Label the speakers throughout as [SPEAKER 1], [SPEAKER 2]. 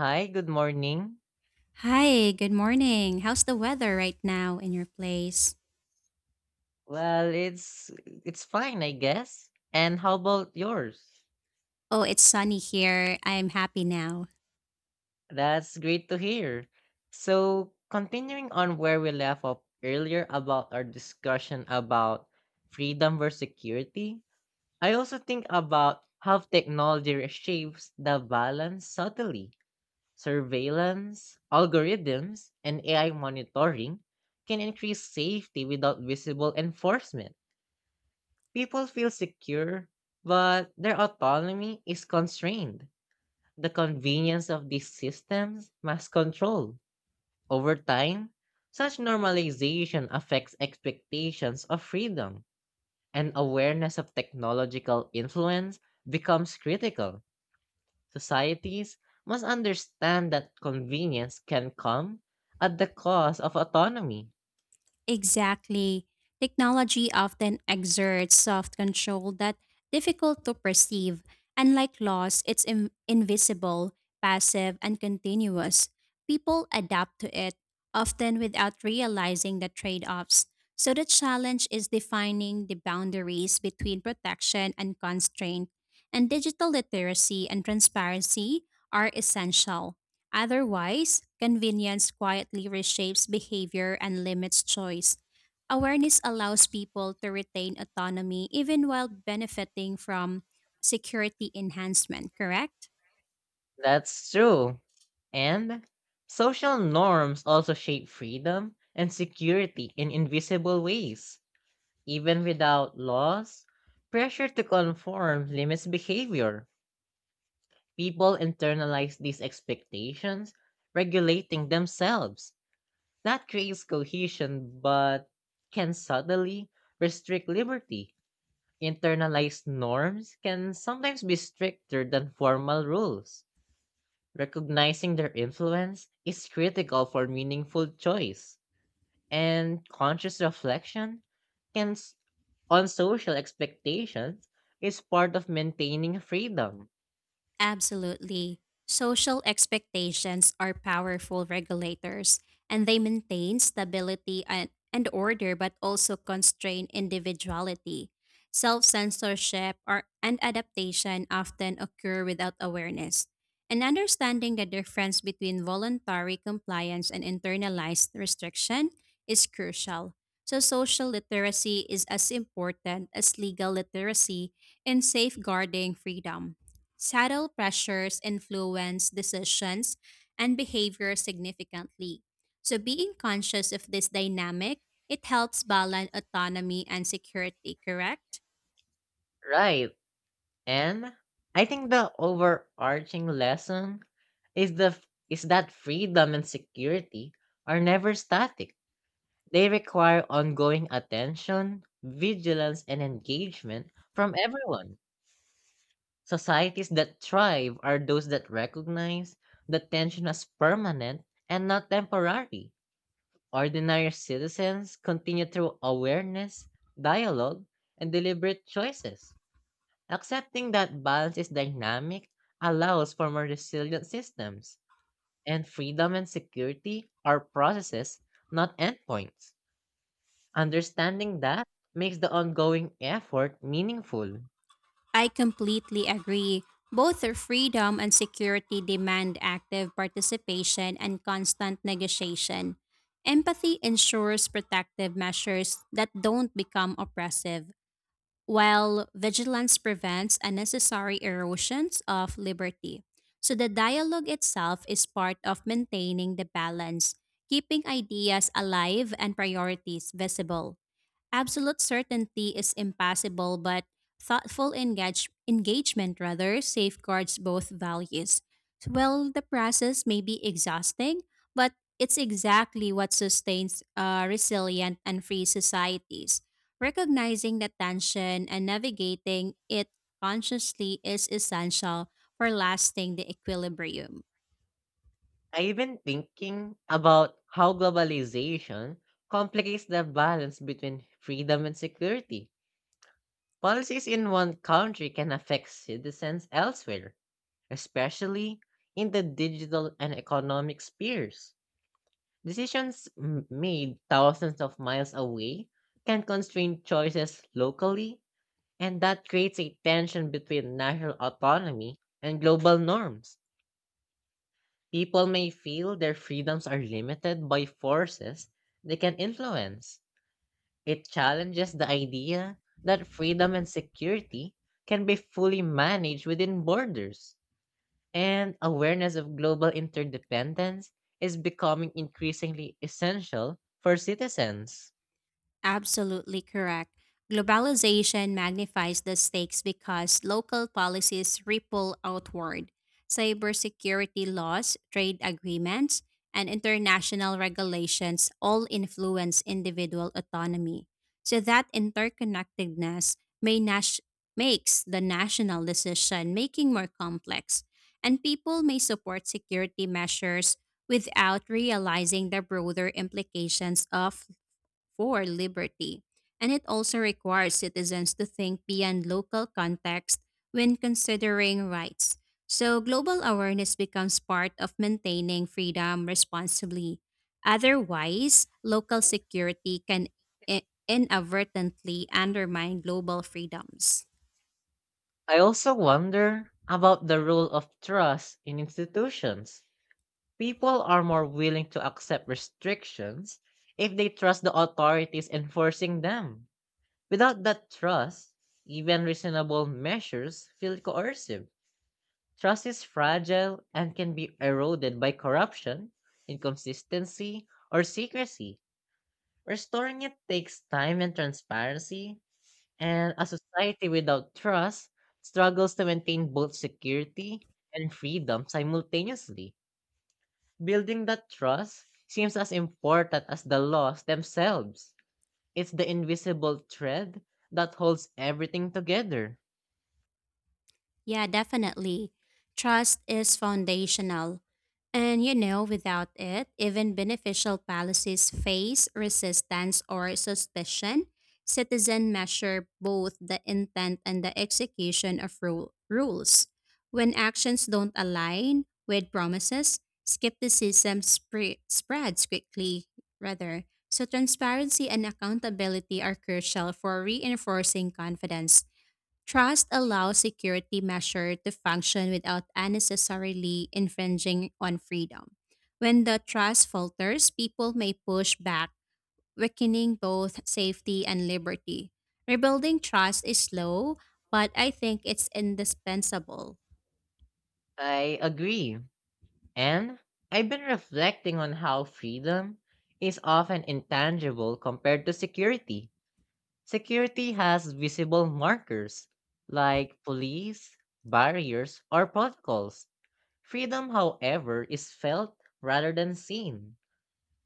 [SPEAKER 1] Hi, good morning.
[SPEAKER 2] Hi, good morning. How's the weather right now in your place?
[SPEAKER 1] Well, it's fine, I guess. And how about yours?
[SPEAKER 2] Oh, it's sunny here. I'm happy now.
[SPEAKER 1] That's great to hear. So, continuing on where we left off earlier about our discussion about freedom versus security, I also think about how technology reshapes the balance subtly. Surveillance, algorithms, and AI monitoring can increase safety without visible enforcement. People feel secure, but their autonomy is constrained. The convenience of these systems must control. Over time, such normalization affects expectations of freedom, and awareness of technological influence becomes critical. Societies must understand that convenience can come at the cost of autonomy.
[SPEAKER 2] Exactly. Technology often exerts soft control that difficult to perceive. Unlike loss, it's invisible, passive, and continuous. People adapt to it, often without realizing the trade-offs. So the challenge is defining the boundaries between protection and constraint. And digital literacy and transparency are essential. Otherwise, convenience quietly reshapes behavior and limits choice. Awareness allows people to retain autonomy even while benefiting from security enhancement, correct?
[SPEAKER 1] That's true. And social norms also shape freedom and security in invisible ways. Even without laws, pressure to conform limits behavior. People internalize these expectations, regulating themselves. That creates cohesion, but can subtly restrict liberty. Internalized norms can sometimes be stricter than formal rules. Recognizing their influence is critical for meaningful choice, and conscious reflection can, s- on social expectations is part of maintaining freedom.
[SPEAKER 2] Absolutely. Social expectations are powerful regulators and they maintain stability and order but also constrain individuality. Self censorship or and adaptation often occur without awareness. And understanding the difference between voluntary compliance and internalized restriction is crucial. So, social literacy is as important as legal literacy in safeguarding freedom. Subtle pressures influence decisions and behavior significantly. So, being conscious of this dynamic, it helps balance autonomy and security, correct?
[SPEAKER 1] Right. And I think the overarching lesson is that freedom and security are never static. They require ongoing attention, vigilance, and engagement from everyone. Societies that thrive are those that recognize that tension as permanent and not temporary. Ordinary citizens continue through awareness, dialogue, and deliberate choices. Accepting that balance is dynamic allows for more resilient systems, and freedom and security are processes, not endpoints. Understanding that makes the ongoing effort meaningful.
[SPEAKER 2] I completely agree. Both the freedom and security demand active participation and constant negotiation. Empathy ensures protective measures that don't become oppressive while vigilance prevents unnecessary erosions of liberty. So the dialogue itself is part of maintaining the balance, keeping ideas alive and priorities visible. Absolute certainty is impossible, but thoughtful engagement rather safeguards both values. Well, the process may be exhausting, but it's exactly what sustains resilient and free societies. Recognizing the tension and navigating it consciously is essential for lasting the equilibrium.
[SPEAKER 1] I've been thinking about how globalization complicates the balance between freedom and security. Policies in one country can affect citizens elsewhere, especially in the digital and economic spheres. Decisions made thousands of miles away can constrain choices locally, and that creates a tension between national autonomy and global norms. People may feel their freedoms are limited by forces they can influence. It challenges the idea that freedom and security can be fully managed within borders. And awareness of global interdependence is becoming increasingly essential for citizens.
[SPEAKER 2] Absolutely correct. Globalization magnifies the stakes because local policies ripple outward. Cybersecurity laws, trade agreements, and international regulations all influence individual autonomy. So that interconnectedness may nas- makes the national decision making more complex, and people may support security measures without realizing the broader implications of for liberty. And it also requires citizens to think beyond local context when considering rights. So, global awareness becomes part of maintaining freedom responsibly. Otherwise, local security can inadvertently undermine global freedoms.
[SPEAKER 1] I also wonder about the role of trust in institutions. People are more willing to accept restrictions if they trust the authorities enforcing them. Without that trust, even reasonable measures feel coercive. Trust is fragile and can be eroded by corruption, inconsistency, or secrecy. Restoring it takes time and transparency, and a society without trust struggles to maintain both security and freedom simultaneously. Building that trust seems as important as the laws themselves. It's the invisible thread that holds everything together.
[SPEAKER 2] Yeah, definitely. Trust is foundational. And you know, without it, even beneficial policies face resistance or suspicion. Citizens measure both the intent and the execution of rules. When actions don't align with promises, skepticism spreads quickly, rather. So, transparency and accountability are crucial for reinforcing confidence. Trust allows security measure to function without unnecessarily infringing on freedom. When the trust falters, people may push back, weakening both safety and liberty. Rebuilding trust is slow, but I think it's indispensable.
[SPEAKER 1] I agree. And I've been reflecting on how freedom is often intangible compared to security. Security has visible markers like police, barriers, or protocols. Freedom, however, is felt rather than seen,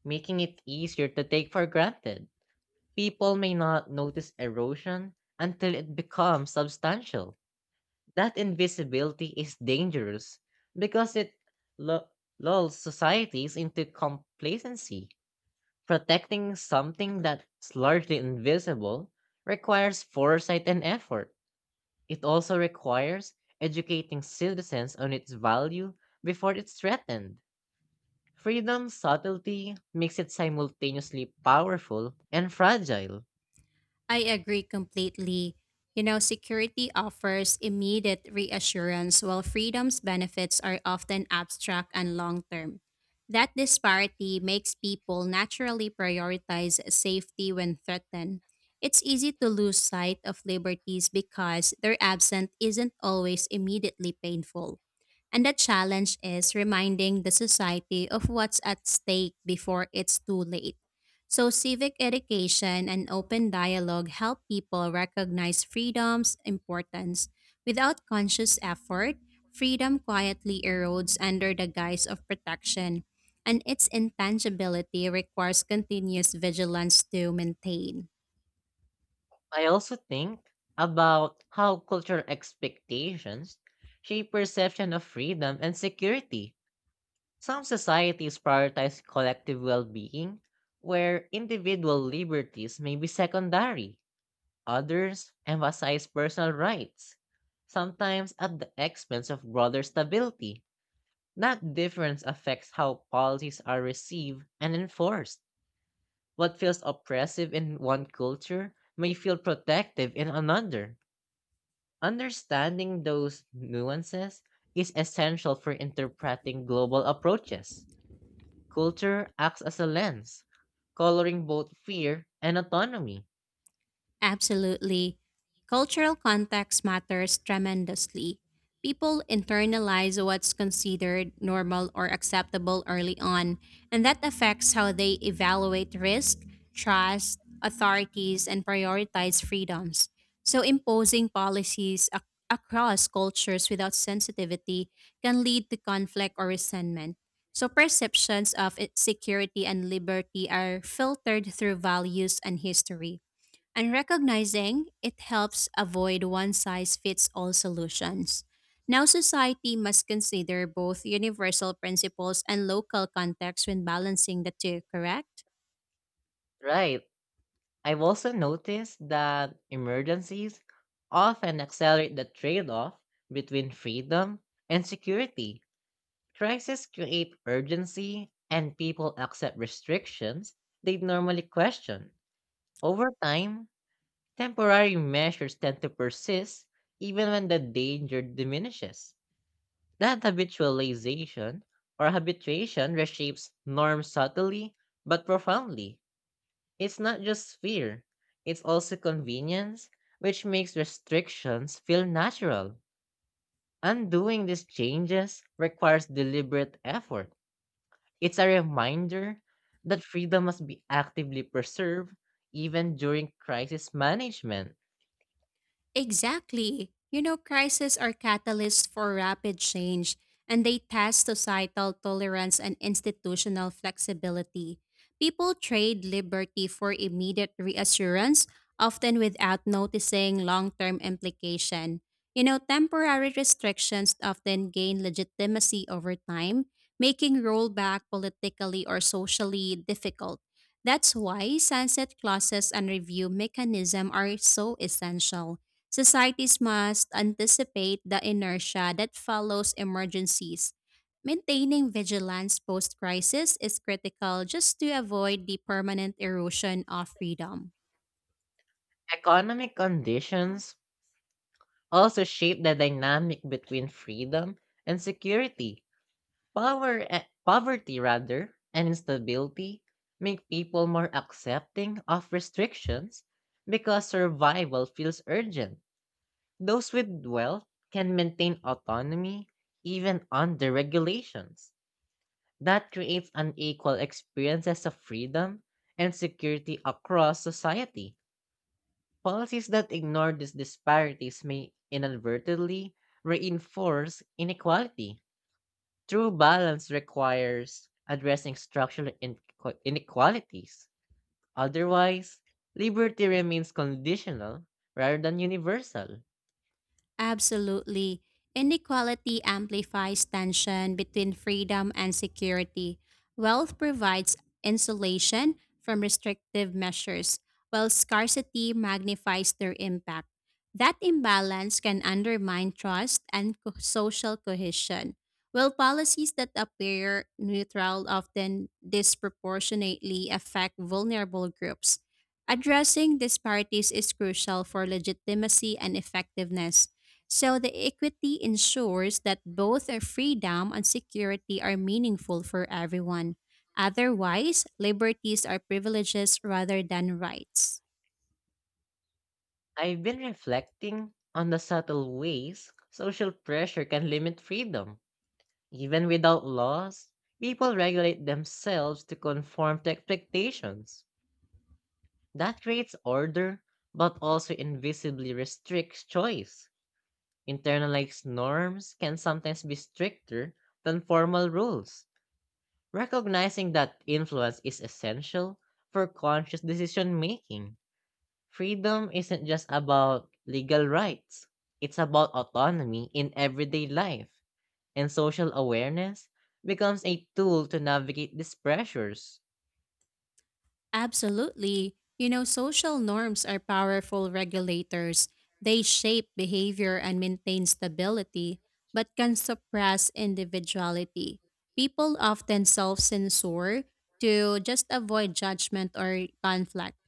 [SPEAKER 1] making it easier to take for granted. People may not notice erosion until it becomes substantial. That invisibility is dangerous because it lu- lulls societies into complacency. Protecting something that's largely invisible requires foresight and effort. It also requires educating citizens on its value before it's threatened. Freedom's subtlety makes it simultaneously powerful and fragile.
[SPEAKER 2] I agree completely. You know, security offers immediate reassurance while freedom's benefits are often abstract and long term. That disparity makes people naturally prioritize safety when threatened. It's easy to lose sight of liberties because their absence isn't always immediately painful. And the challenge is reminding the society of what's at stake before it's too late. So, civic education and open dialogue help people recognize freedom's importance. Without conscious effort, freedom quietly erodes under the guise of protection, and its intangibility requires continuous vigilance to maintain.
[SPEAKER 1] I also think about how cultural expectations shape perception of freedom and security. Some societies prioritize collective well being, where individual liberties may be secondary. Others emphasize personal rights, sometimes at the expense of broader stability. That difference affects how policies are received and enforced. What feels oppressive in one culture may feel protective in another. Understanding those nuances is essential for interpreting global approaches. Culture acts as a lens, coloring both fear and autonomy.
[SPEAKER 2] Absolutely. Cultural context matters tremendously. People internalize what's considered normal or acceptable early on, and that affects how they evaluate risk, trust, authorities, and prioritize freedoms. So, imposing policies across cultures without sensitivity can lead to conflict or resentment. So, perceptions of security and liberty are filtered through values and history and recognizing it helps avoid one size fits all solutions. Now, society must consider both universal principles and local context when balancing the two, correct?
[SPEAKER 1] Right. I've also noticed that emergencies often accelerate the trade off between freedom and security. Crises create urgency, and people accept restrictions they'd normally question. Over time, temporary measures tend to persist even when the danger diminishes. That habitualization or habituation reshapes norms subtly but profoundly. It's not just fear, it's also convenience, which makes restrictions feel natural. Undoing these changes requires deliberate effort. It's a reminder that freedom must be actively preserved even during crisis management.
[SPEAKER 2] Exactly. You know, crises are catalysts for rapid change, and they test societal tolerance and institutional flexibility. People trade liberty for immediate reassurance, often without noticing long term implication. You know, temporary restrictions often gain legitimacy over time, making rollback politically or socially difficult. That's why sunset clauses and review mechanism are so essential. Societies must anticipate the inertia that follows emergencies. Maintaining vigilance post crisis is critical just to avoid the permanent erosion of freedom.
[SPEAKER 1] Economic conditions also shape the dynamic between freedom and security. Poverty rather, and instability make people more accepting of restrictions because survival feels urgent. Those with wealth can maintain autonomy even under regulations. That creates unequal experiences of freedom and security across society. Policies that ignore these disparities may inadvertently reinforce inequality. True balance requires addressing inequalities. Otherwise, liberty remains conditional rather than universal.
[SPEAKER 2] Absolutely. Inequality amplifies tension between freedom and security. Wealth provides insulation from restrictive measures, while scarcity magnifies their impact. That imbalance can undermine trust and social cohesion. While policies that appear neutral often disproportionately affect vulnerable groups, addressing disparities is crucial for legitimacy and effectiveness. So the equity ensures that both our freedom and security are meaningful for everyone. Otherwise, liberties are privileges rather than rights.
[SPEAKER 1] I've been reflecting on the subtle ways social pressure can limit freedom. Even without laws, people regulate themselves to conform to expectations. That creates order, but also invisibly restricts choice. Internalized norms can sometimes be stricter than formal rules. Recognizing that influence is essential for conscious decision making. Freedom isn't just about legal rights, it's about autonomy in everyday life, and social awareness becomes a tool to navigate these pressures.
[SPEAKER 2] Absolutely. You know, social norms are powerful regulators. They shape behavior and maintain stability, but can suppress individuality. People often self censor to just avoid judgment or conflict.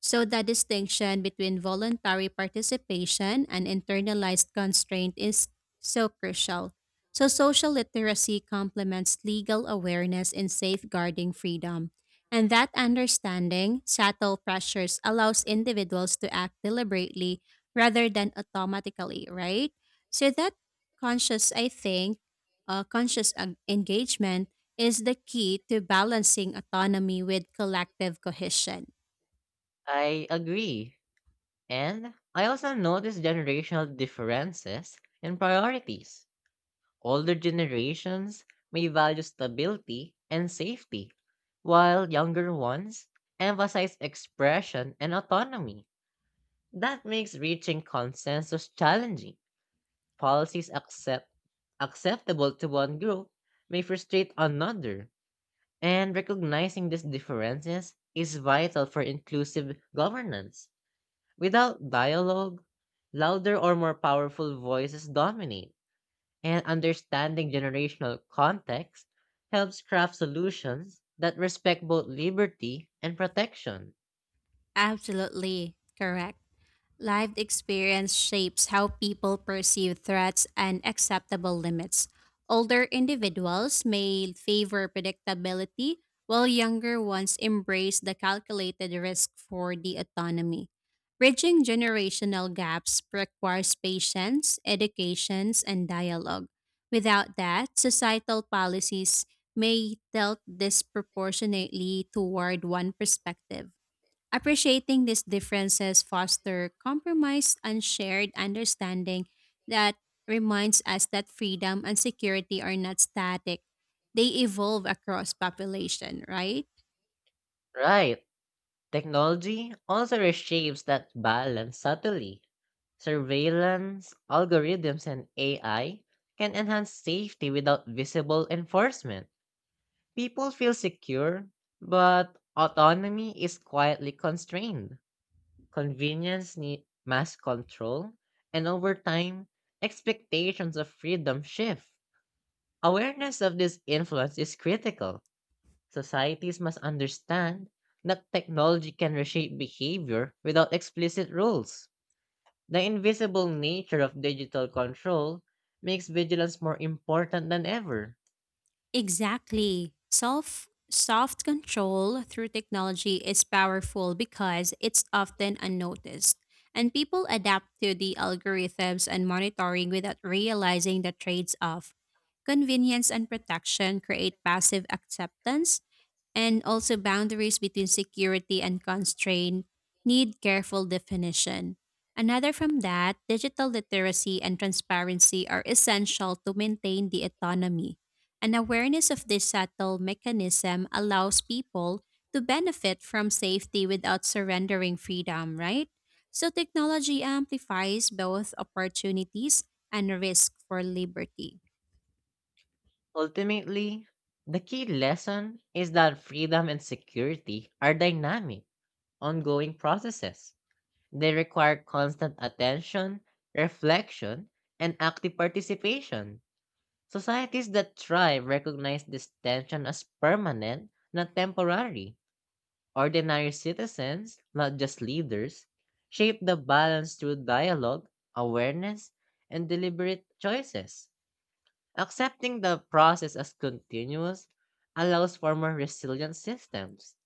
[SPEAKER 2] So, the distinction between voluntary participation and internalized constraint is so crucial. So, social literacy complements legal awareness in safeguarding freedom. And that understanding, subtle pressures, allows individuals to act deliberately rather than automatically, right? So that conscious, I think, conscious engagement is the key to balancing autonomy with collective cohesion.
[SPEAKER 1] I agree. And I also notice generational differences in priorities. Older generations may value stability and safety, while younger ones emphasize expression and autonomy. That makes reaching consensus challenging. Policies accept, Acceptable to one group may frustrate another, and recognizing these differences is vital for inclusive governance. Without dialogue, louder or more powerful voices dominate, and understanding generational context helps craft solutions that respect both liberty and protection.
[SPEAKER 2] Absolutely correct. Lived experience shapes how people perceive threats and acceptable limits. Older individuals may favor predictability, while younger ones embrace the calculated risk for the autonomy. Bridging generational gaps requires patience, educations, and dialogue. Without that, societal policies may tilt disproportionately toward one perspective. Appreciating these differences foster compromise and shared understanding that reminds us that freedom and security are not static. They evolve across population, right?
[SPEAKER 1] Right. Technology also reshapes that balance subtly. Surveillance, algorithms, and AI can enhance safety without visible enforcement. People feel secure, but autonomy is quietly constrained. Convenience need mass control, and over time, expectations of freedom shift. Awareness of this influence is critical. Societies must understand that technology can reshape behavior without explicit rules. The invisible nature of digital control makes vigilance more important than ever.
[SPEAKER 2] Exactly. Self soft control through technology is powerful because it's often unnoticed. And people adapt to the algorithms and monitoring without realizing the trades off. Convenience and protection create passive acceptance, and also, boundaries between security and constraint need careful definition. Another from that, digital literacy and transparency are essential to maintain the autonomy. An awareness of this subtle mechanism allows people to benefit from safety without surrendering freedom, right? So, technology amplifies both opportunities and risk for liberty.
[SPEAKER 1] Ultimately, the key lesson is that freedom and security are dynamic, ongoing processes. They require constant attention, reflection, and active participation. Societies that thrive recognize this tension as permanent, not temporary. Ordinary citizens, not just leaders, shape the balance through dialogue, awareness, and deliberate choices. Accepting the process as continuous allows for more resilient systems.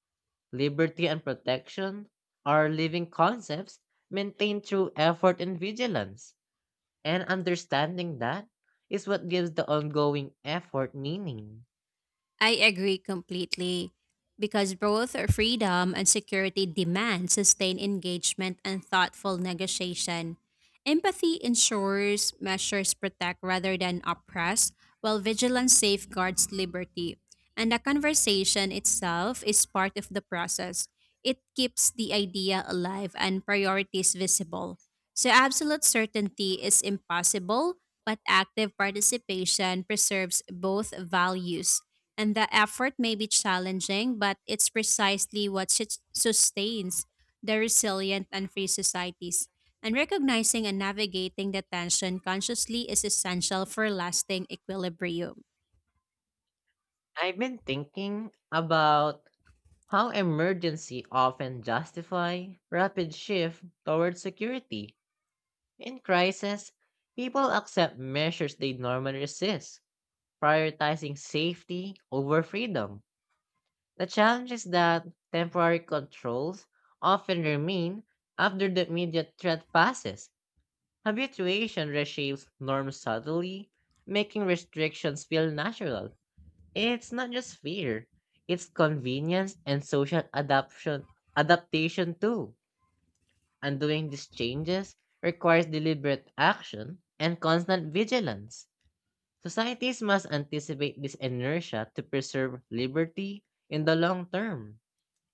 [SPEAKER 1] Liberty and protection are living concepts maintained through effort and vigilance, and understanding that is what gives the ongoing effort meaning.
[SPEAKER 2] I agree completely because both freedom and security demand sustained engagement and thoughtful negotiation. Empathy ensures measures protect rather than oppress, while vigilance safeguards liberty. And the conversation itself is part of the process. It keeps the idea alive and priorities visible. So, absolute certainty is impossible, but active participation preserves both values. And the effort may be challenging, but it's precisely what sustains the resilient and free societies. And recognizing and navigating the tension consciously is essential for lasting equilibrium.
[SPEAKER 1] I've been thinking about how emergency often justify rapid shift toward security. In crisis, people accept measures they normally resist, prioritizing safety over freedom. The challenge is that temporary controls often remain after the immediate threat passes. Habituation reshapes norms subtly, making restrictions feel natural. It's not just fear, it's convenience and social adaptation too. Undoing these changes requires deliberate action and constant vigilance. Societies must anticipate this inertia to preserve liberty in the long term.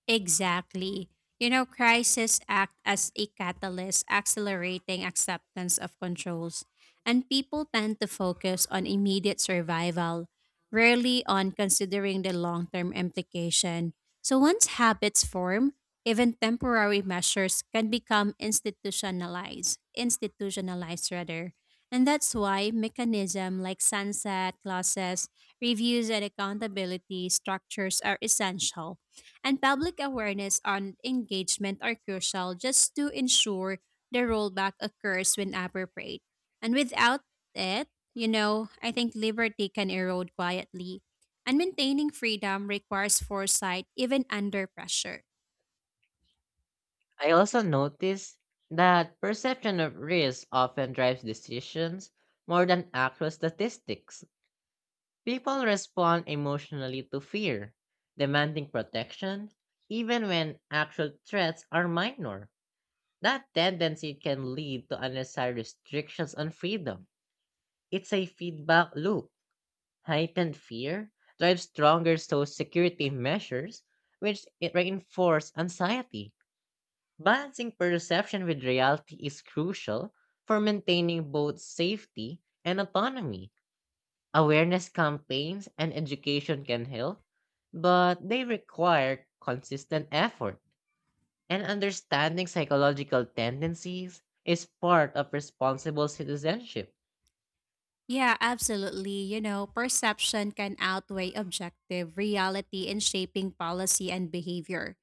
[SPEAKER 2] Exactly. You know, crises act as a catalyst, accelerating acceptance of controls, and people tend to focus on immediate survival, rarely on considering the long term implication. So, once habits form, even temporary measures can become institutionalized rather. And that's why mechanisms like sunset clauses, reviews, and accountability structures are essential and public awareness and engagement are crucial just to ensure the rollback occurs when appropriate. And without it, you know, I think liberty can erode quietly. And maintaining freedom requires foresight even under pressure.
[SPEAKER 1] I also noticed that perception of risk often drives decisions more than actual statistics. People respond emotionally to fear, demanding protection, even when actual threats are minor. That tendency can lead to unnecessary restrictions on freedom. It's a feedback loop. Heightened fear drives stronger social security measures, which it reinforce anxiety. Balancing perception with reality is crucial for maintaining both safety and autonomy. Awareness campaigns and education can help, but they require consistent effort. And understanding psychological tendencies is part of responsible citizenship.
[SPEAKER 2] Yeah, absolutely. You know, perception can outweigh objective reality in shaping policy and behavior.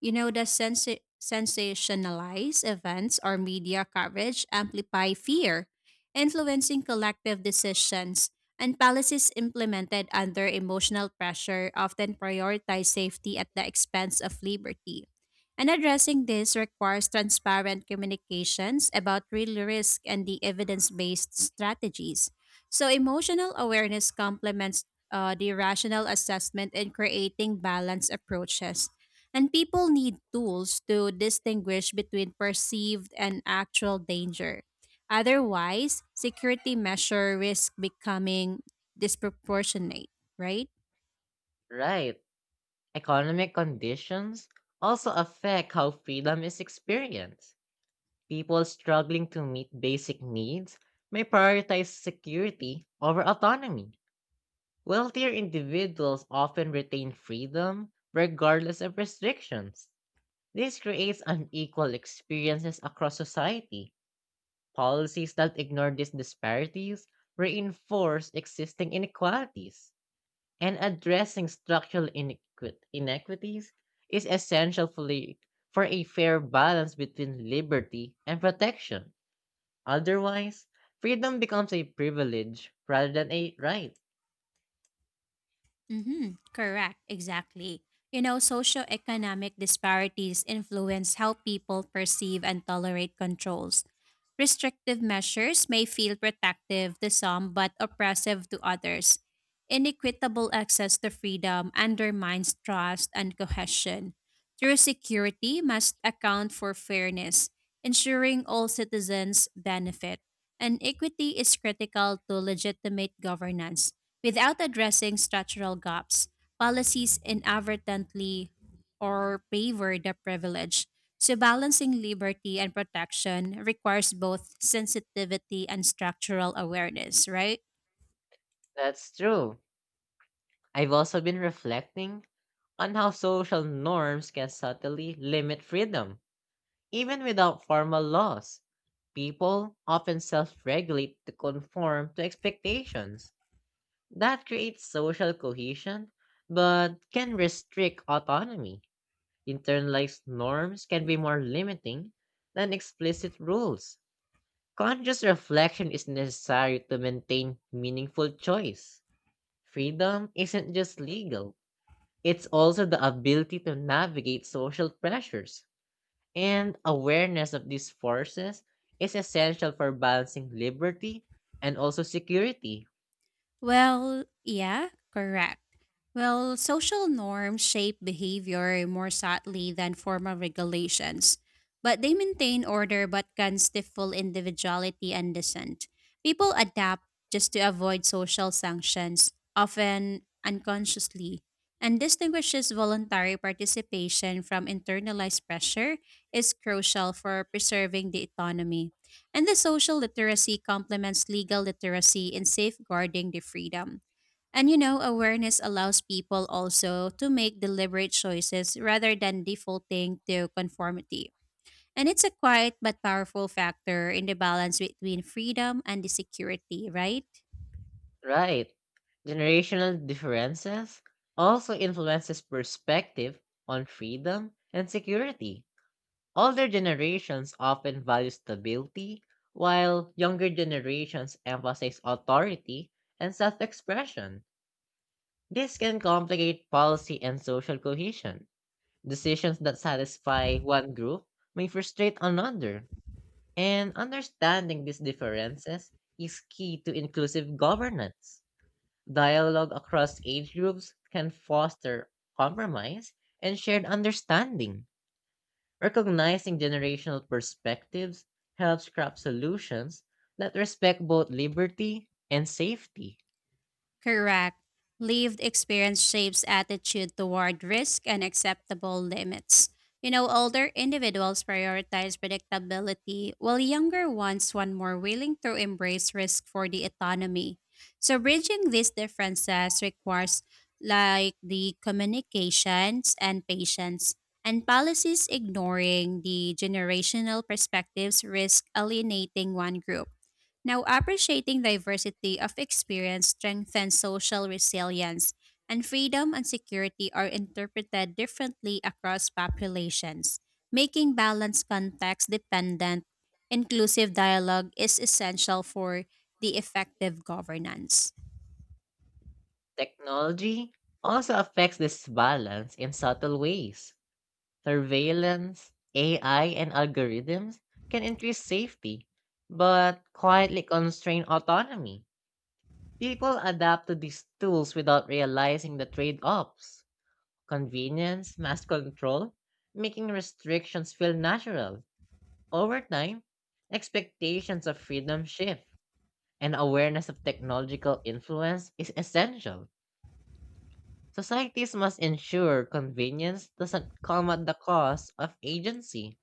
[SPEAKER 2] You know, the sensationalized events or media coverage amplify fear, influencing collective decisions, and policies implemented under emotional pressure often prioritize safety at the expense of liberty. And addressing this requires transparent communications about real risk and the evidence based strategies. So, emotional awareness complements the rational assessment in creating balanced approaches and people need tools to distinguish between perceived and actual danger. Otherwise, security measure risk becoming disproportionate, right?
[SPEAKER 1] Right. Economic conditions also affect how freedom is experienced. People struggling to meet basic needs may prioritize security over autonomy. Wealthier individuals often retain freedom regardless of restrictions. This creates unequal experiences across society. Policies that ignore these disparities reinforce existing inequalities. And addressing inequities is essential for for a fair balance between liberty and protection. Otherwise, freedom becomes a privilege rather than a right.
[SPEAKER 2] Mm-hmm. Correct, exactly. You know, socioeconomic disparities influence how people perceive and tolerate controls. Restrictive measures may feel protective to some but oppressive to others. Inequitable access to freedom undermines trust and cohesion. True security must account for fairness, ensuring all citizens benefit. And equity is critical to legitimate governance. Without addressing structural gaps, policies inadvertently or favor the privileged. So balancing liberty and protection requires both sensitivity and structural awareness, right?
[SPEAKER 1] That's true. I've also been reflecting on how social norms can subtly limit freedom. Even without formal laws, people often self regulate to conform to expectations. That creates social cohesion, but can restrict autonomy. Internalized norms can be more limiting than explicit rules. Conscious reflection is necessary to maintain meaningful choice. Freedom isn't just legal, it's also the ability to navigate social pressures. And awareness of these forces is essential for balancing liberty and also security.
[SPEAKER 2] Well, yeah, correct. Well, social norms shape behavior more subtly than formal regulations, but they maintain order but can stifle individuality and dissent. People adapt just to avoid social sanctions, often unconsciously, and distinguishes voluntary participation from internalized pressure is crucial for preserving the autonomy. And the social literacy complements legal literacy in safeguarding the freedom. And you know, awareness allows people also to make deliberate choices rather than defaulting to conformity. And it's a quiet but powerful factor in the balance between freedom and the security, right?
[SPEAKER 1] Right. Generational differences also influences perspective on freedom and security. Older generations often value stability, while younger generations emphasize authority and self expression. This can complicate policy and social cohesion. Decisions that satisfy one group may frustrate another, and understanding these differences is key to inclusive governance. Dialogue across age groups can foster compromise and shared understanding. Recognizing generational perspectives helps craft solutions that respect both liberty and safety.
[SPEAKER 2] Correct. Lived experience shapes attitude toward risk and acceptable limits. You know, older individuals prioritize predictability, while younger ones want more willing to embrace risk for the autonomy. So, bridging these differences requires like the communications and patience, and policies ignoring the generational perspectives risk alienating one group. Now, appreciating diversity of experience strengthens social resilience, and freedom and security are interpreted differently across populations. Making balanced context dependent, inclusive dialogue is essential for the effective governance.
[SPEAKER 1] Technology also affects this balance in subtle ways. Surveillance, AI, and algorithms can increase safety, but quietly constrain autonomy. People adapt to these tools without realizing the trade offs convenience, mass control, making restrictions feel natural. Over time, expectations of freedom shift, and awareness of technological influence is essential. Societies must ensure convenience doesn't come at the cost of agency.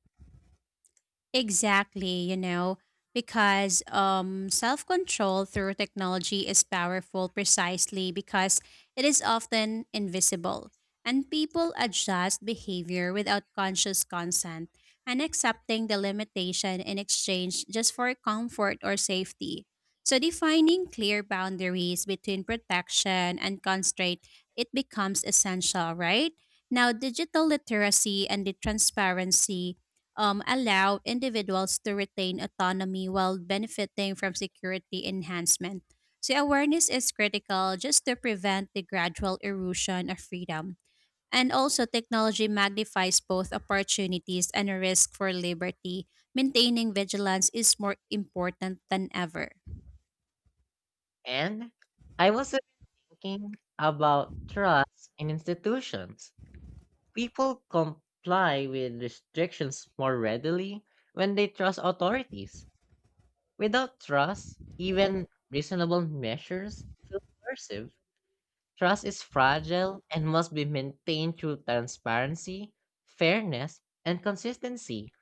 [SPEAKER 2] Exactly, you know, because self control through technology is powerful precisely because it is often invisible and people adjust behavior without conscious consent and accepting the limitation in exchange just for comfort or safety. So, defining clear boundaries between protection and constraint, it becomes essential, right? Now, digital literacy and the transparency allow individuals to retain autonomy while benefiting from security enhancement. So, awareness is critical just to prevent the gradual erosion of freedom. And also, technology magnifies both opportunities and a risk for liberty. Maintaining vigilance is more important than ever.
[SPEAKER 1] And I was thinking about trust in institutions. People comply with restrictions more readily when they trust authorities. Without trust, even reasonable measures feel coercive. Trust is fragile and must be maintained through transparency, fairness, and consistency.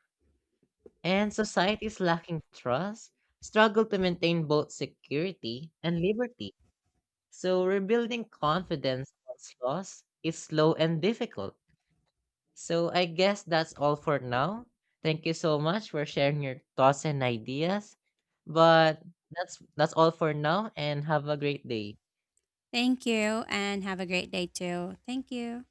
[SPEAKER 1] And societies lacking trust struggle to maintain both security and liberty. So rebuilding confidence once lost is slow and difficult. So I guess that's all for now. Thank you so much for sharing your thoughts and ideas. But that's all for now and have a great day.
[SPEAKER 2] Thank you, and have a great day too. Thank you.